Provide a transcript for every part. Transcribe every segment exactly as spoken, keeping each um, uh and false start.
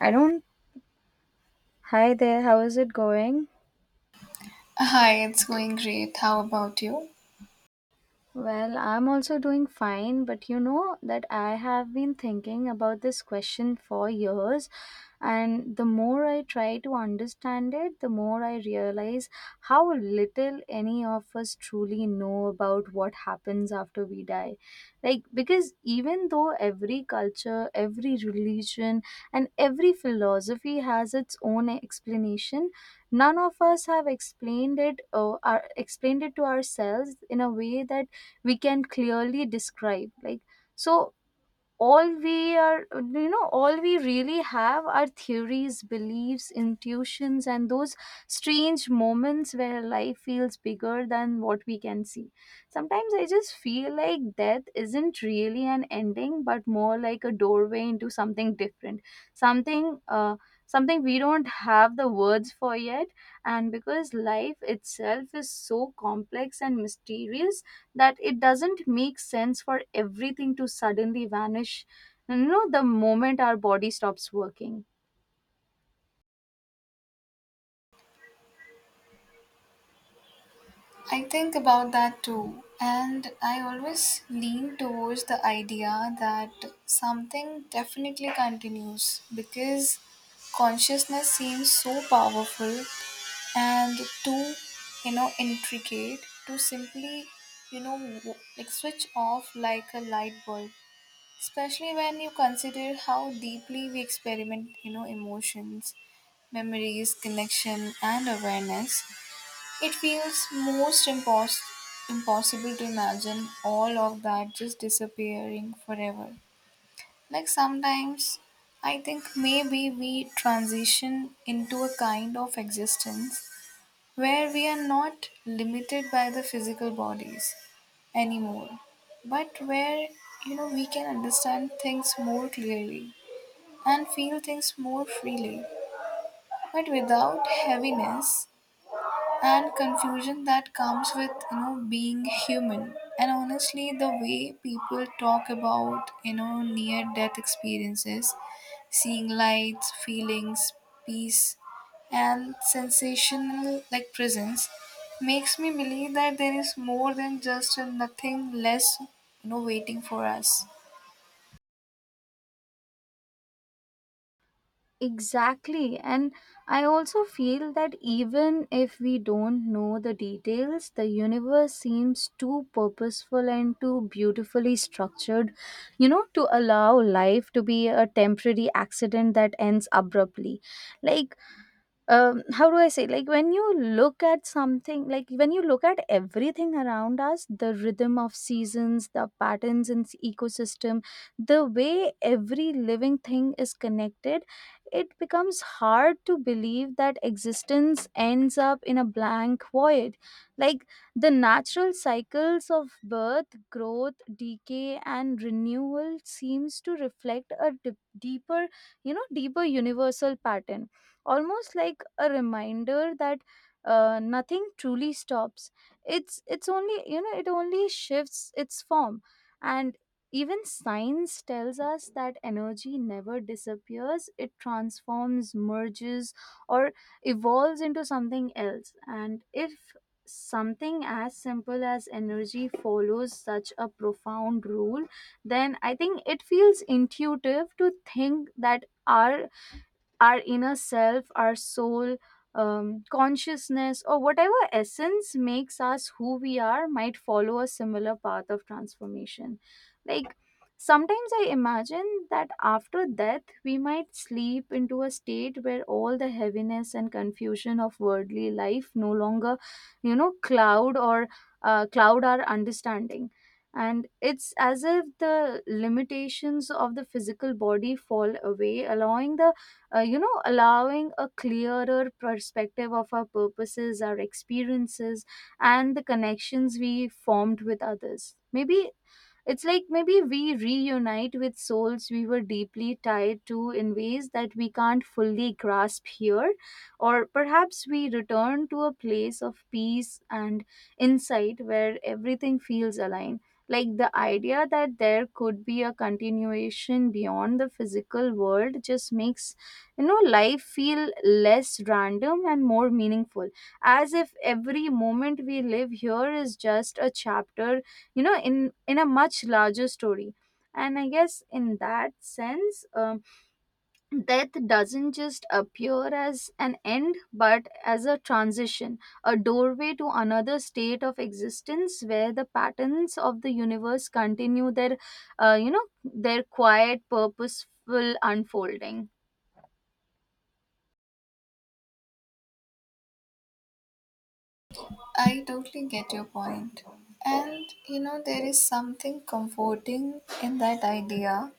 I don't. Hi there, how is it going? Hi, it's going great. How about you? Well, I'm also doing fine, but you know that I have been thinking about this question for years, and the more I try to understand it, the more I realize how little any of us truly know about what happens after we die. Like, because even though every culture, every religion, and every philosophy has its own explanation, none of us have explained it or explained it to ourselves in a way that we can clearly describe. Like, so all we are you know all we really have are theories, beliefs, intuitions, and those strange moments where life feels bigger than what we can see. Sometimes I just feel like death isn't really an ending, but more like a doorway into something different, something uh, something we don't have the words for yet. And because life itself is so complex and mysterious that it doesn't make sense for everything to suddenly vanish. You know, the moment our body stops working. I think about that too. And I always lean towards the idea that something definitely continues because consciousness seems so powerful and too, you know, intricate to simply, you know, w- like switch off like a light bulb. Especially when you consider how deeply we experiment, you know, emotions, memories, connection, and awareness. It feels most impos- impossible to imagine all of that just disappearing forever. Like sometimes I think maybe we transition into a kind of existence where we are not limited by the physical bodies anymore, but where you know we can understand things more clearly and feel things more freely, but without heaviness and confusion that comes with you know being human. And honestly, the way people talk about you know near death experiences, seeing lights, feelings, peace, and sensational like presence makes me believe that there is more than just a nothing less you know waiting for us. Exactly. And I also feel that even if we don't know the details, the universe seems too purposeful and too beautifully structured, you know, to allow life to be a temporary accident that ends abruptly. Like, um, how do I say, like when you look at something, like when you look at everything around us, the rhythm of seasons, the patterns in s- ecosystem, the way every living thing is connected, it becomes hard to believe that existence ends up in a blank void. Like the natural cycles of birth, growth, decay, and renewal seems to reflect a dip- deeper, you know, deeper universal pattern, almost like a reminder that uh, nothing truly stops. It's it's only you know it only shifts its form. And even science tells us that energy never disappears. It transforms, merges, or evolves into something else. And if something as simple as energy follows such a profound rule, then I think it feels intuitive to think that our our inner self, our soul, um, consciousness, or whatever essence makes us who we are might follow a similar path of transformation. Like, sometimes I imagine that after death, we might sleep into a state where all the heaviness and confusion of worldly life no longer, you know, cloud or uh, cloud our understanding. And it's as if the limitations of the physical body fall away, allowing the uh, you know allowing a clearer perspective of our purposes, our experiences, and the connections we formed with others. Maybe it's like maybe we reunite with souls we were deeply tied to in ways that we can't fully grasp here, or perhaps we return to a place of peace and insight where everything feels aligned. Like the idea that there could be a continuation beyond the physical world just makes you know life feel less random and more meaningful, as if every moment we live here is just a chapter, you know in in a much larger story. And I guess in that sense, um, death doesn't just appear as an end, but as a transition, a doorway to another state of existence where the patterns of the universe continue their uh, you know their quiet, purposeful unfolding. I totally get your point. And you know, there is something comforting in that idea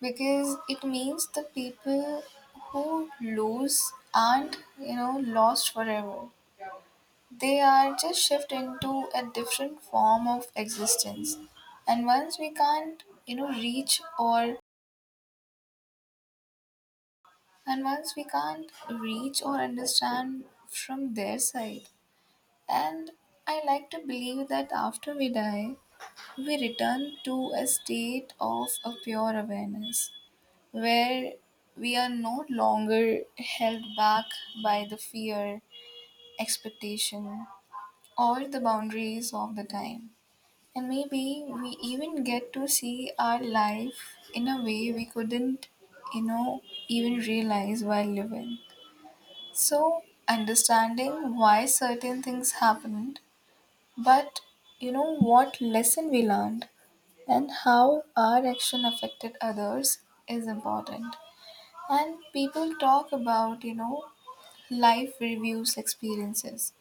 because it means the people who lose aren't you know lost forever. They are just shift into a different form of existence. and once we can't you know reach or and once we can't reach or understand from their side. And I like to believe that after we die we return to a state of a pure awareness where we are no longer held back by the fear, expectation, or the boundaries of the time. And maybe we even get to see our life in a way we couldn't, you know, even realize while living. So, understanding why certain things happened, but you know, what lesson we learned and how our action affected others is important. And people talk about, you know, life reviews experiences.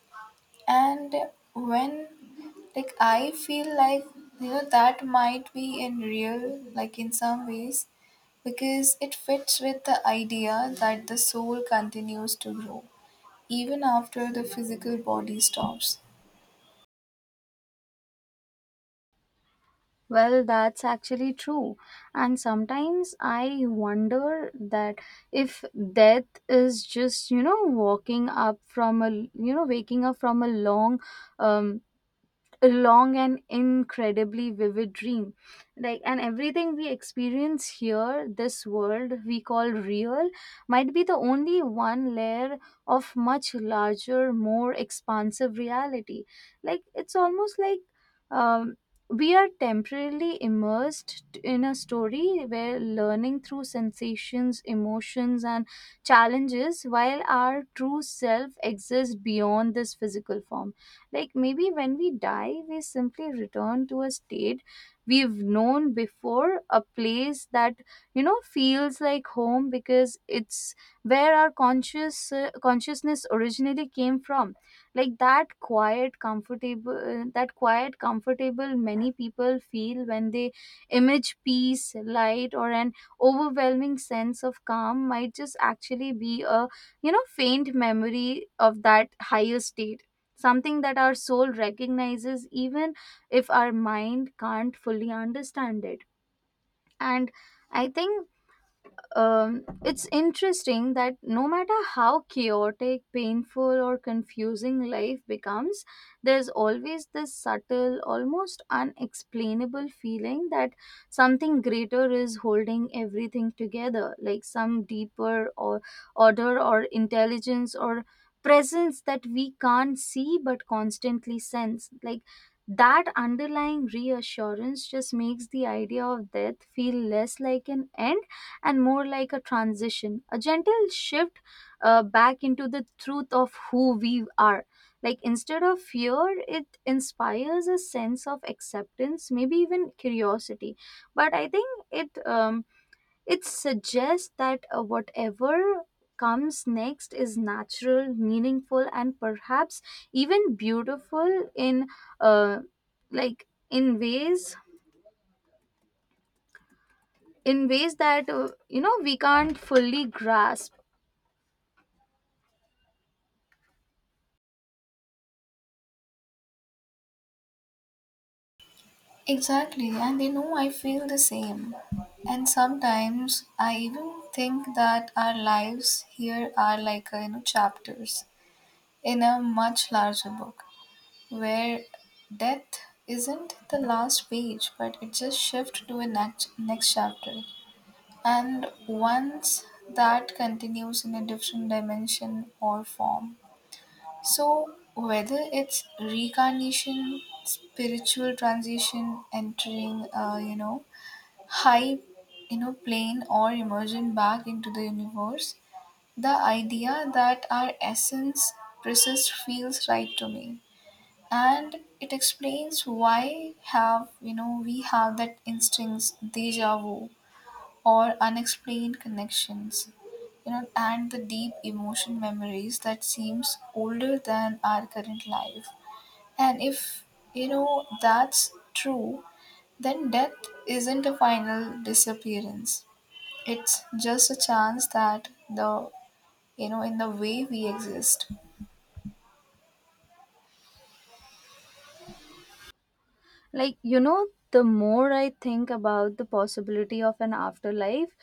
And when like I feel like, you know, that might be in real, like in some ways, because it fits with the idea that the soul continues to grow even after the physical body stops. Well, that's actually true. And sometimes I wonder that if death is just you know, walking up from a, you know, waking up from a long um, a long and incredibly vivid dream. Like, and everything we experience here, this world we call real, might be the only one layer of much larger, more expansive reality. Like it's almost like, um, we are temporarily immersed in a story where learning through sensations, emotions, and challenges, while our true self exists beyond this physical form. Like maybe when we die, we simply return to a state we've known before, a place that, you know, feels like home because it's where our conscious uh, consciousness originally came from. Like that quiet, comfortable, that quiet, comfortable many people feel when they image peace, light, or an overwhelming sense of calm might just actually be a you know faint memory of that higher state, something that our soul recognizes even if our mind can't fully understand it. And I think, um, it's interesting that no matter how chaotic, painful, or confusing life becomes, there's always this subtle, almost unexplainable feeling that something greater is holding everything together, like some deeper, or order, or intelligence, or presence that we can't see but constantly sense. Like that underlying reassurance just makes the idea of death feel less like an end and more like a transition, a gentle shift uh, back into the truth of who we are. Like, instead of fear, it inspires a sense of acceptance, maybe even curiosity. But I think it um, it suggests that uh, whatever comes next is natural, meaningful, and perhaps even beautiful in uh, like in ways in ways that uh, you know we can't fully grasp. Exactly, and you know, I feel the same. And sometimes I even think that our lives here are like, uh, you know, chapters in a much larger book where death isn't the last page, but it just shifts to a next, next chapter. And once that continues in a different dimension or form. So whether it's reincarnation, spiritual transition, entering uh, you know high you know plane, or emerging back into the universe, the idea that our essence persists feels right to me. And it explains why have you know we have that instincts deja vu or unexplained connections, you know and the deep emotion memories that seems older than our current life. And if you know that's true, then death isn't a final disappearance. It's just a chance that the you know in the way we exist. Like, you know the more I think about the possibility of an afterlife,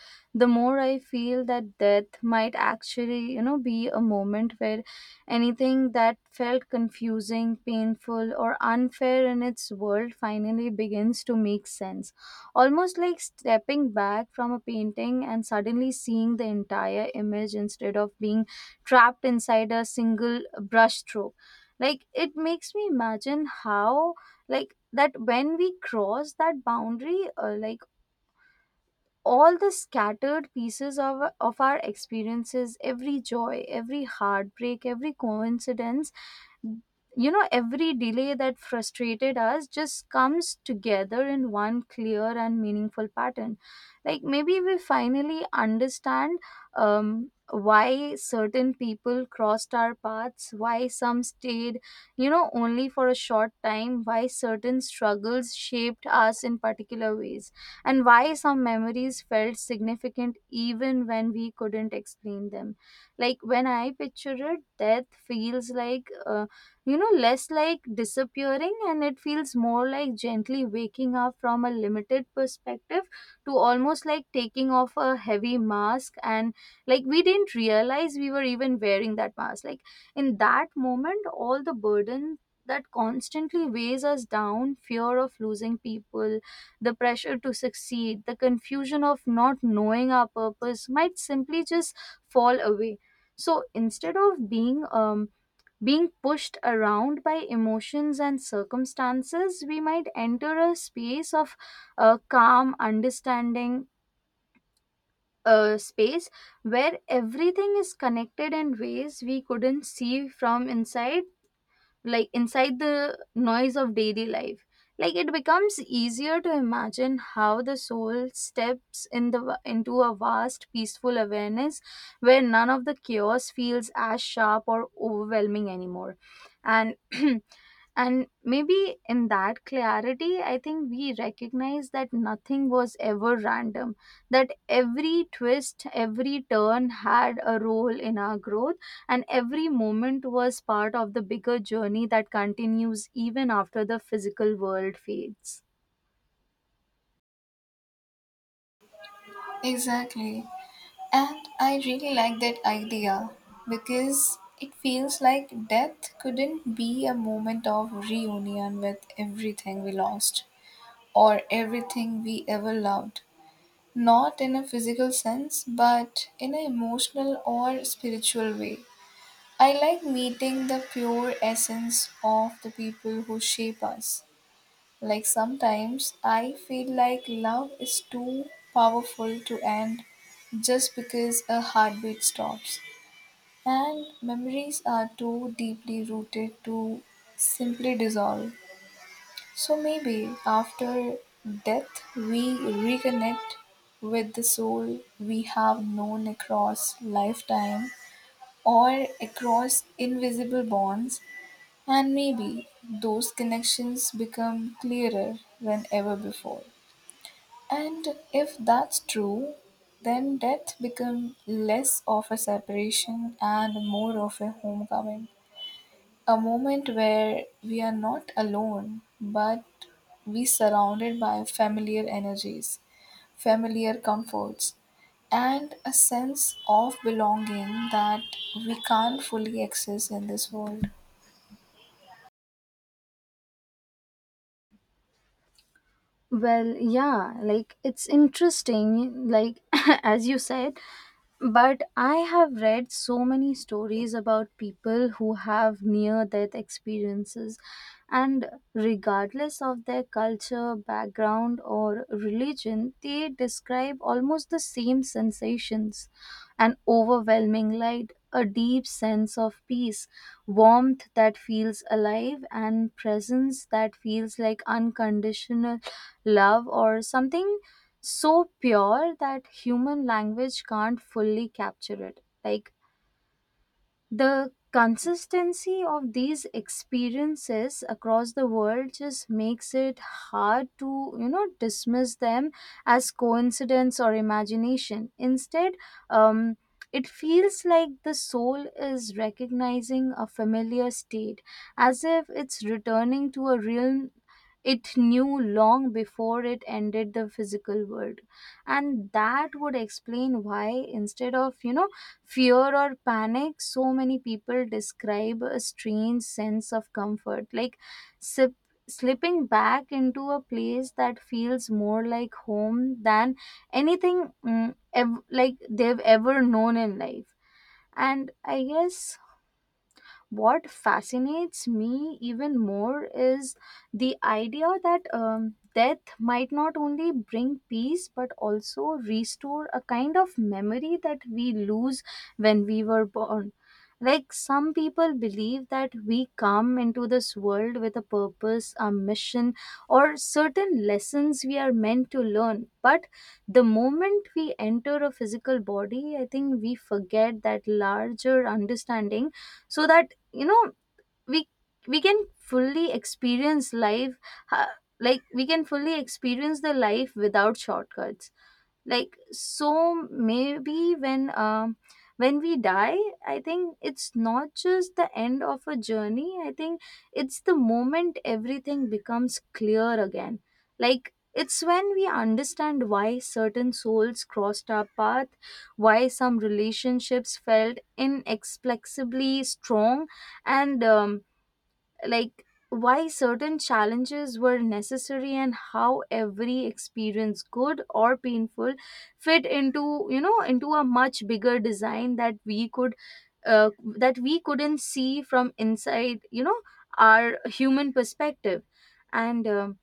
the more I feel that death might actually you know be a moment where anything that felt confusing, painful, or unfair in its world finally begins to make sense, almost like stepping back from a painting and suddenly seeing the entire image instead of being trapped inside a single brushstroke. Like it makes me imagine how, like, that when we cross that boundary, uh, like, all the scattered pieces of of our experiences, every joy, every heartbreak, every coincidence, you know every delay that frustrated us, just comes together in one clear and meaningful pattern. Like maybe we finally understand, um, why certain people crossed our paths, why some stayed you know only for a short time, why certain struggles shaped us in particular ways, and why some memories felt significant even when we couldn't explain them. Like when I picture it, death feels like uh, you know less like disappearing, and it feels more like gently waking up from a limited perspective, to almost like taking off a heavy mask. And like we didn't realize we were even wearing that mask. Like in that moment, all the burden that constantly weighs us down, fear of losing people, the pressure to succeed, the confusion of not knowing our purpose, might simply just fall away. So instead of being um being pushed around by emotions and circumstances, we might enter a space of uh, calm, understanding, uh, space where everything is connected in ways we couldn't see from inside, like inside the noise of daily life. Like it becomes easier to imagine how the soul steps in the into a vast, peaceful awareness where none of the chaos feels as sharp or overwhelming anymore. And and maybe in that clarity I think we recognize that nothing was ever random, that every twist, every turn had a role in our growth, and every moment was part of the bigger journey that continues even after the physical world fades. Exactly, and I really like that idea because it feels like death couldn't be a moment of reunion with everything we lost or everything we ever loved. Not in a physical sense, but in an emotional or spiritual way. I like meeting the pure essence of the people who shape us. Like sometimes I feel like love is too powerful to end just because a heartbeat stops. And memories are too deeply rooted to simply dissolve. So maybe after death we reconnect with the soul we have known across lifetime or across invisible bonds, and maybe those connections become clearer than ever before. And if that's true, then death becomes less of a separation and more of a homecoming. A moment where we are not alone, but we surrounded by familiar energies, familiar comforts, and a sense of belonging that we can't fully access in this world. Well, yeah, like it's interesting, like as you said, but I have read so many stories about people who have near death experiences, and regardless of their culture, background, or religion, they describe almost the same sensations: an overwhelming light, a deep sense of peace, warmth that feels alive, and presence that feels like unconditional love, or something so pure that human language can't fully capture it. Like, the consistency of these experiences across the world just makes it hard to, you know, dismiss them as coincidence or imagination. Instead, um, it feels like the soul is recognizing a familiar state, as if it's returning to a realm it knew long before it ended the physical world. And that would explain why, instead of, you know, fear or panic, so many people describe a strange sense of comfort, like sip, slipping back into a place that feels more like home than anything mm, ev- like they've ever known in life. And I guess what fascinates me even more is the idea that, um, death might not only bring peace but also restore a kind of memory that we lose when we were born. Like some people believe that we come into this world with a purpose, a mission, or certain lessons we are meant to learn. But the moment we enter a physical body, I think we forget that larger understanding so that you know we we can fully experience life, uh, like we can fully experience the life without shortcuts. Like so maybe when um when we die, I think it's not just the end of a journey. I think it's the moment everything becomes clear again. Like it's when we understand why certain souls crossed our path, why some relationships felt inexplicably strong, and um, like why certain challenges were necessary, and how every experience, good or painful, fit into, you know into a much bigger design that we could uh, that we couldn't see from inside, you know our human perspective. And um,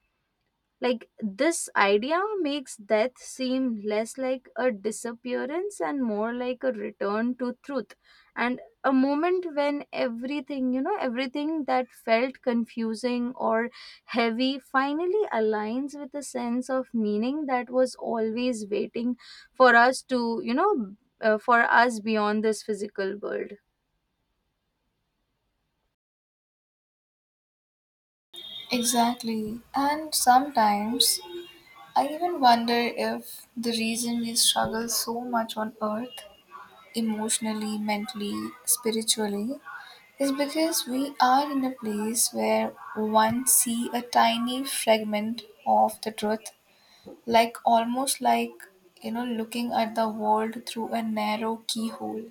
Like this idea makes death seem less like a disappearance and more like a return to truth, and a moment when everything, you know, everything that felt confusing or heavy finally aligns with a sense of meaning that was always waiting for us to, you know, uh, for us beyond this physical world. Exactly. And sometimes I even wonder if the reason we struggle so much on earth, emotionally, mentally, spiritually, is because we are in a place where one see a tiny fragment of the truth, like almost like you know looking at the world through a narrow keyhole.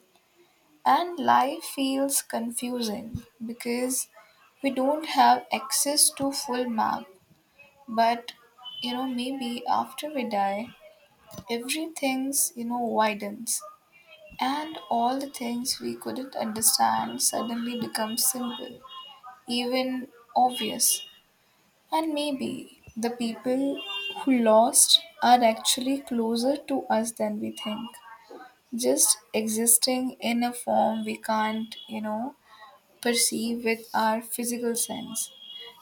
And life feels confusing because we don't have access to full map. But you know maybe after we die, everything's, you know, widens, and all the things we couldn't understand suddenly become simple, even obvious. And maybe the people who lost are actually closer to us than we think, just existing in a form we can't, you know, perceive with our physical sense,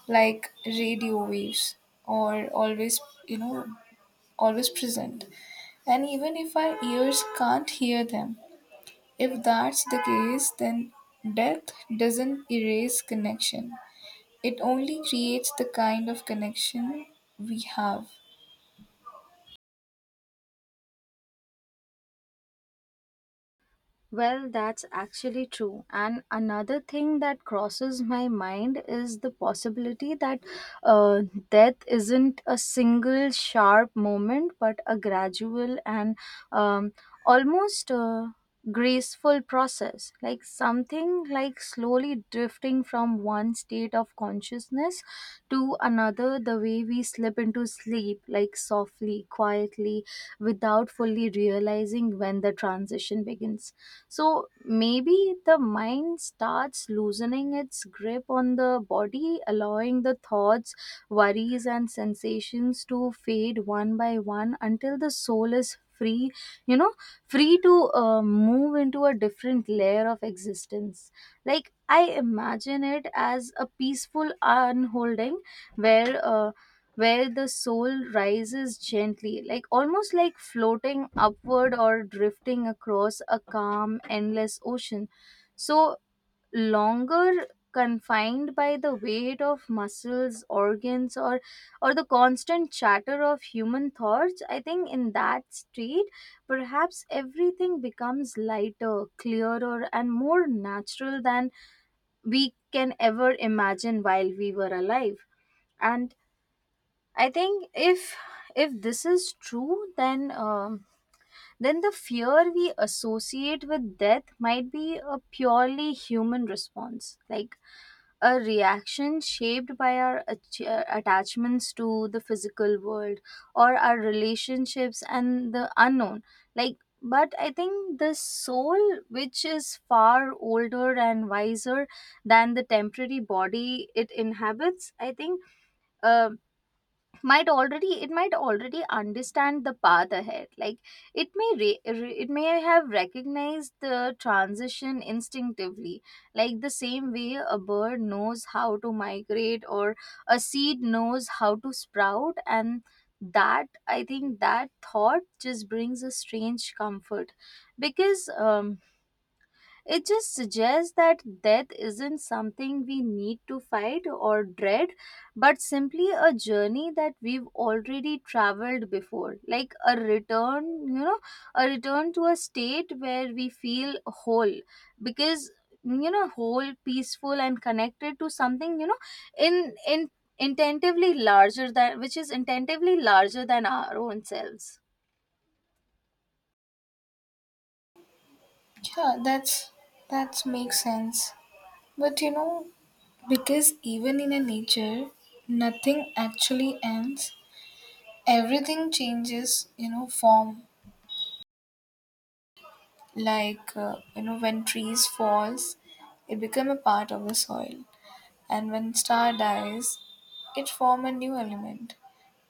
like radio waves, or always, you know, always present. And even if our ears can't hear them, if that's the case, then death doesn't erase connection. It only creates the kind of connection we have. Well, that's actually true. And another thing that crosses my mind is the possibility that uh, death isn't a single sharp moment, but a gradual and, um, almost uh, graceful process. Like something like slowly drifting from one state of consciousness to another, the way we slip into sleep, like softly, quietly, without fully realizing when the transition begins. So maybe the mind starts loosening its grip on the body, allowing the thoughts, worries, and sensations to fade one by one until the soul is free, you know, free to uh, move into a different layer of existence. Like I imagine it as a peaceful unholding where. Uh, where the soul rises gently, like almost like floating upward or drifting across a calm, endless ocean. So, longer confined by the weight of muscles, organs, or or the constant chatter of human thoughts, I think in that state, perhaps everything becomes lighter, clearer, and more natural than we can ever imagine while we were alive. And I think if if this is true, then um, then the fear we associate with death might be a purely human response, like a reaction shaped by our ach- uh, attachments to the physical world, or our relationships and the unknown. Like, but I think the soul, which is far older and wiser than the temporary body it inhabits, I think. Um, might already, it might already understand the path ahead. Like it may re- re- it may have recognized the transition instinctively, like the same way a bird knows how to migrate or a seed knows how to sprout. And that I think that thought just brings a strange comfort, because um, it just suggests that death isn't something we need to fight or dread, but simply a journey that we've already traveled before. Like a return, you know, a return to a state where we feel whole. Because, you know whole, peaceful, and connected to something, you know in in intentively larger than, which is intentively larger than, our own selves. Yeah, that's that makes sense. But you know, because even in a nature, nothing actually ends. Everything changes, you know, form. Like uh, you know, when trees falls, it become a part of the soil, and when star dies, it form a new element.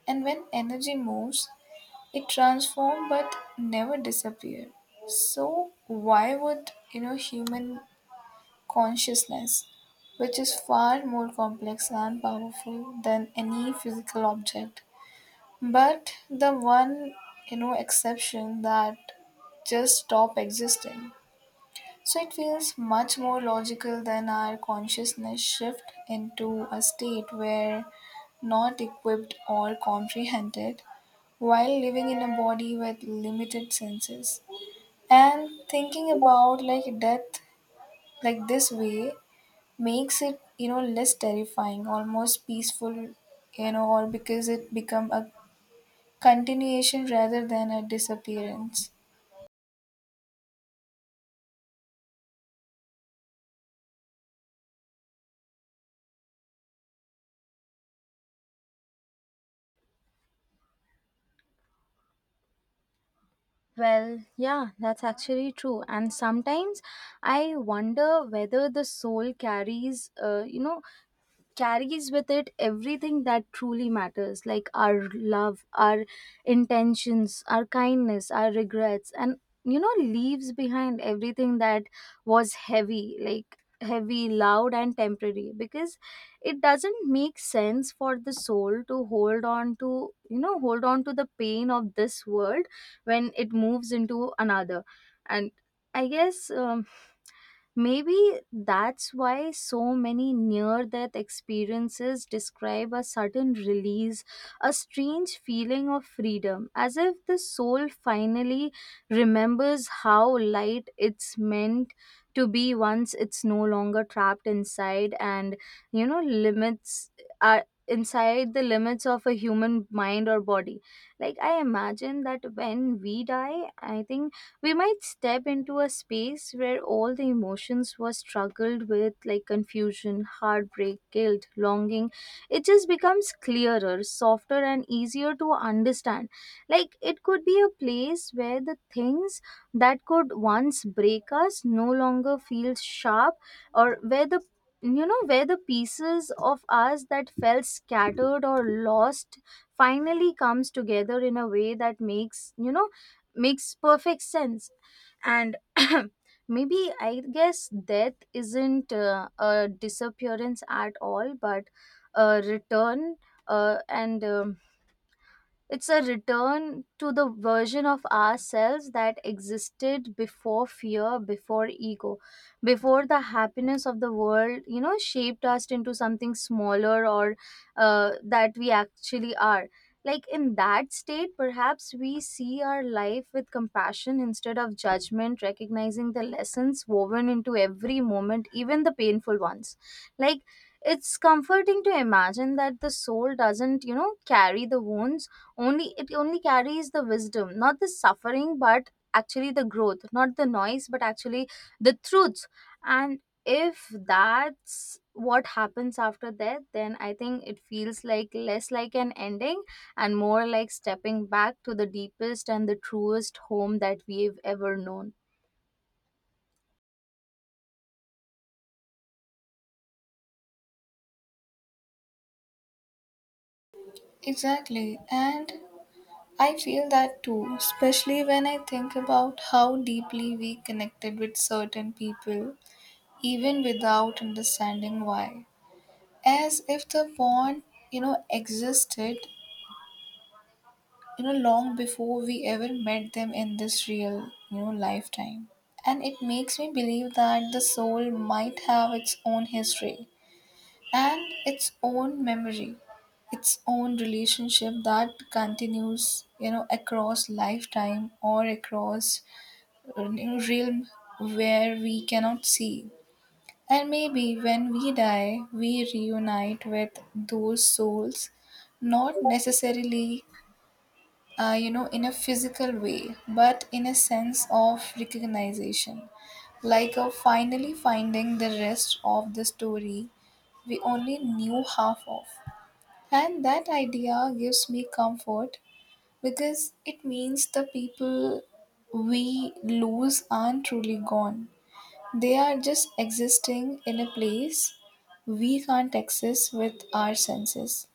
And when energy moves, it transformed but never disappeared. So why would you know human consciousness, which is far more complex and powerful than any physical object, but the one you know exception that just stop existing. So it feels much more logical than our consciousness shift into a state where not equipped or comprehended while living in a body with limited senses. And thinking about like death like this way makes it you know less terrifying, almost peaceful, you know or because it become a continuation rather than a disappearance. Well, yeah, that's actually true. And sometimes I wonder whether the soul carries, uh, you know, carries with it everything that truly matters, like our love, our intentions, our kindness, our regrets, and, you know leaves behind everything that was heavy, like heavy, loud, and temporary, because it doesn't make sense for the soul to hold on to, you know hold on to the pain of this world when it moves into another. And I guess, um, maybe that's why so many near death experiences describe a sudden release, a strange feeling of freedom, as if the soul finally remembers how light it's meant to be once it's no longer trapped inside and, you know, limits are inside the limits of a human mind or body. Like, I imagine that when we die, I think we might step into a space where all the emotions were struggled with, like confusion, heartbreak, guilt, longing, it just becomes clearer, softer, and easier to understand. Like it could be a place where the things that could once break us no longer feel sharp, or where the, you know where the pieces of us that felt scattered or lost finally comes together in a way that makes, you know makes perfect sense. And maybe I guess death isn't uh, a disappearance at all, but a return. Uh, and um, It's a return to the version of ourselves that existed before fear, before ego, before the happiness of the world, you know, shaped us into something smaller or uh, that we actually are. Like in that state, perhaps we see our life with compassion instead of judgment, recognizing the lessons woven into every moment, even the painful ones. Like it's comforting to imagine that the soul doesn't, you know, carry the wounds. Only it only carries the wisdom, not the suffering, but actually the growth, not the noise, but actually the truths. And if that's what happens after that, then I think it feels like less like an ending and more like stepping back to the deepest and the truest home that we've ever known. Exactly, and I feel that too, especially when I think about how deeply we connected with certain people even without understanding why, as if the bond you know existed you know long before we ever met them in this real you know lifetime. And it makes me believe that the soul might have its own history and its own memory, its own relationship that continues you know across lifetime or across uh, you know, realm where we cannot see. And maybe when we die, we reunite with those souls, not necessarily, uh, you know, in a physical way, but in a sense of recognition, like of finally finding the rest of the story we only knew half of. And that idea gives me comfort because it means the people we lose aren't truly gone. They are just existing in a place we can't access with our senses.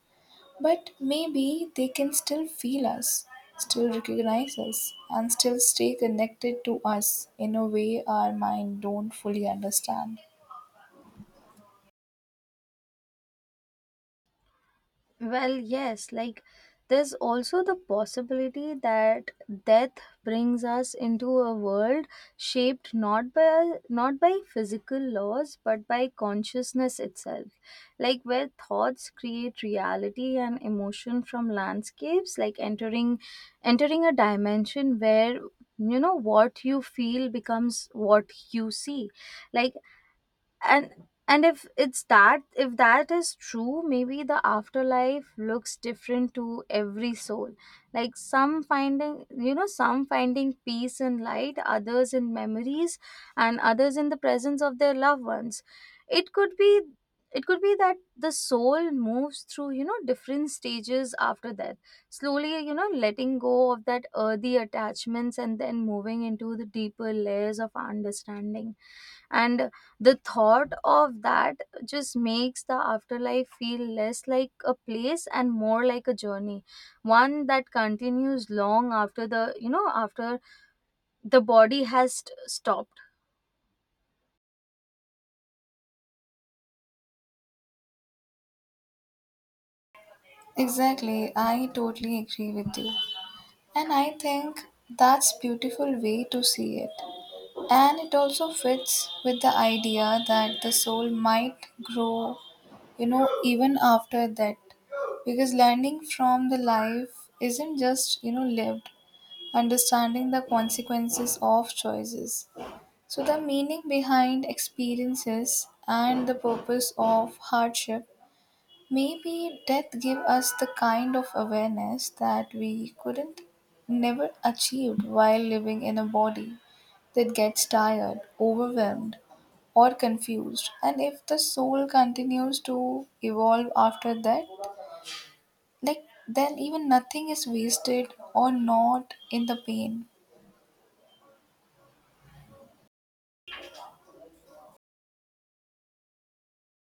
But maybe they can still feel us, still recognize us, and still stay connected to us in a way our mind don't fully understand. Well, yes, like there's also the possibility that death brings us into a world shaped not by not by physical laws, but by consciousness itself. Like where thoughts create reality and emotion from landscapes, like entering entering a dimension where, you know what you feel becomes what you see. Like, and and if it's that, if that is true, maybe the afterlife looks different to every soul. Like some finding, you know some finding peace in light, others in memories, and others in the presence of their loved ones. It could be it could be that the soul moves through, you know different stages after death, slowly, you know letting go of that earthy attachments, and then moving into the deeper layers of understanding. And the thought of that just makes the afterlife feel less like a place and more like a journey, one that continues long after the, you know after the body has st- stopped. Exactly, I totally agree with you. And I think that's beautiful way to see it. And it also fits with the idea that the soul might grow, you know, even after that. Because learning from the life isn't just, you know, lived, understanding the consequences of choices. So, the meaning behind experiences and the purpose of hardship. Maybe death gave us the kind of awareness that we couldn't never achieved while living in a body that gets tired, overwhelmed, or confused. And if the soul continues to evolve after that, like then even nothing is wasted or not in the pain.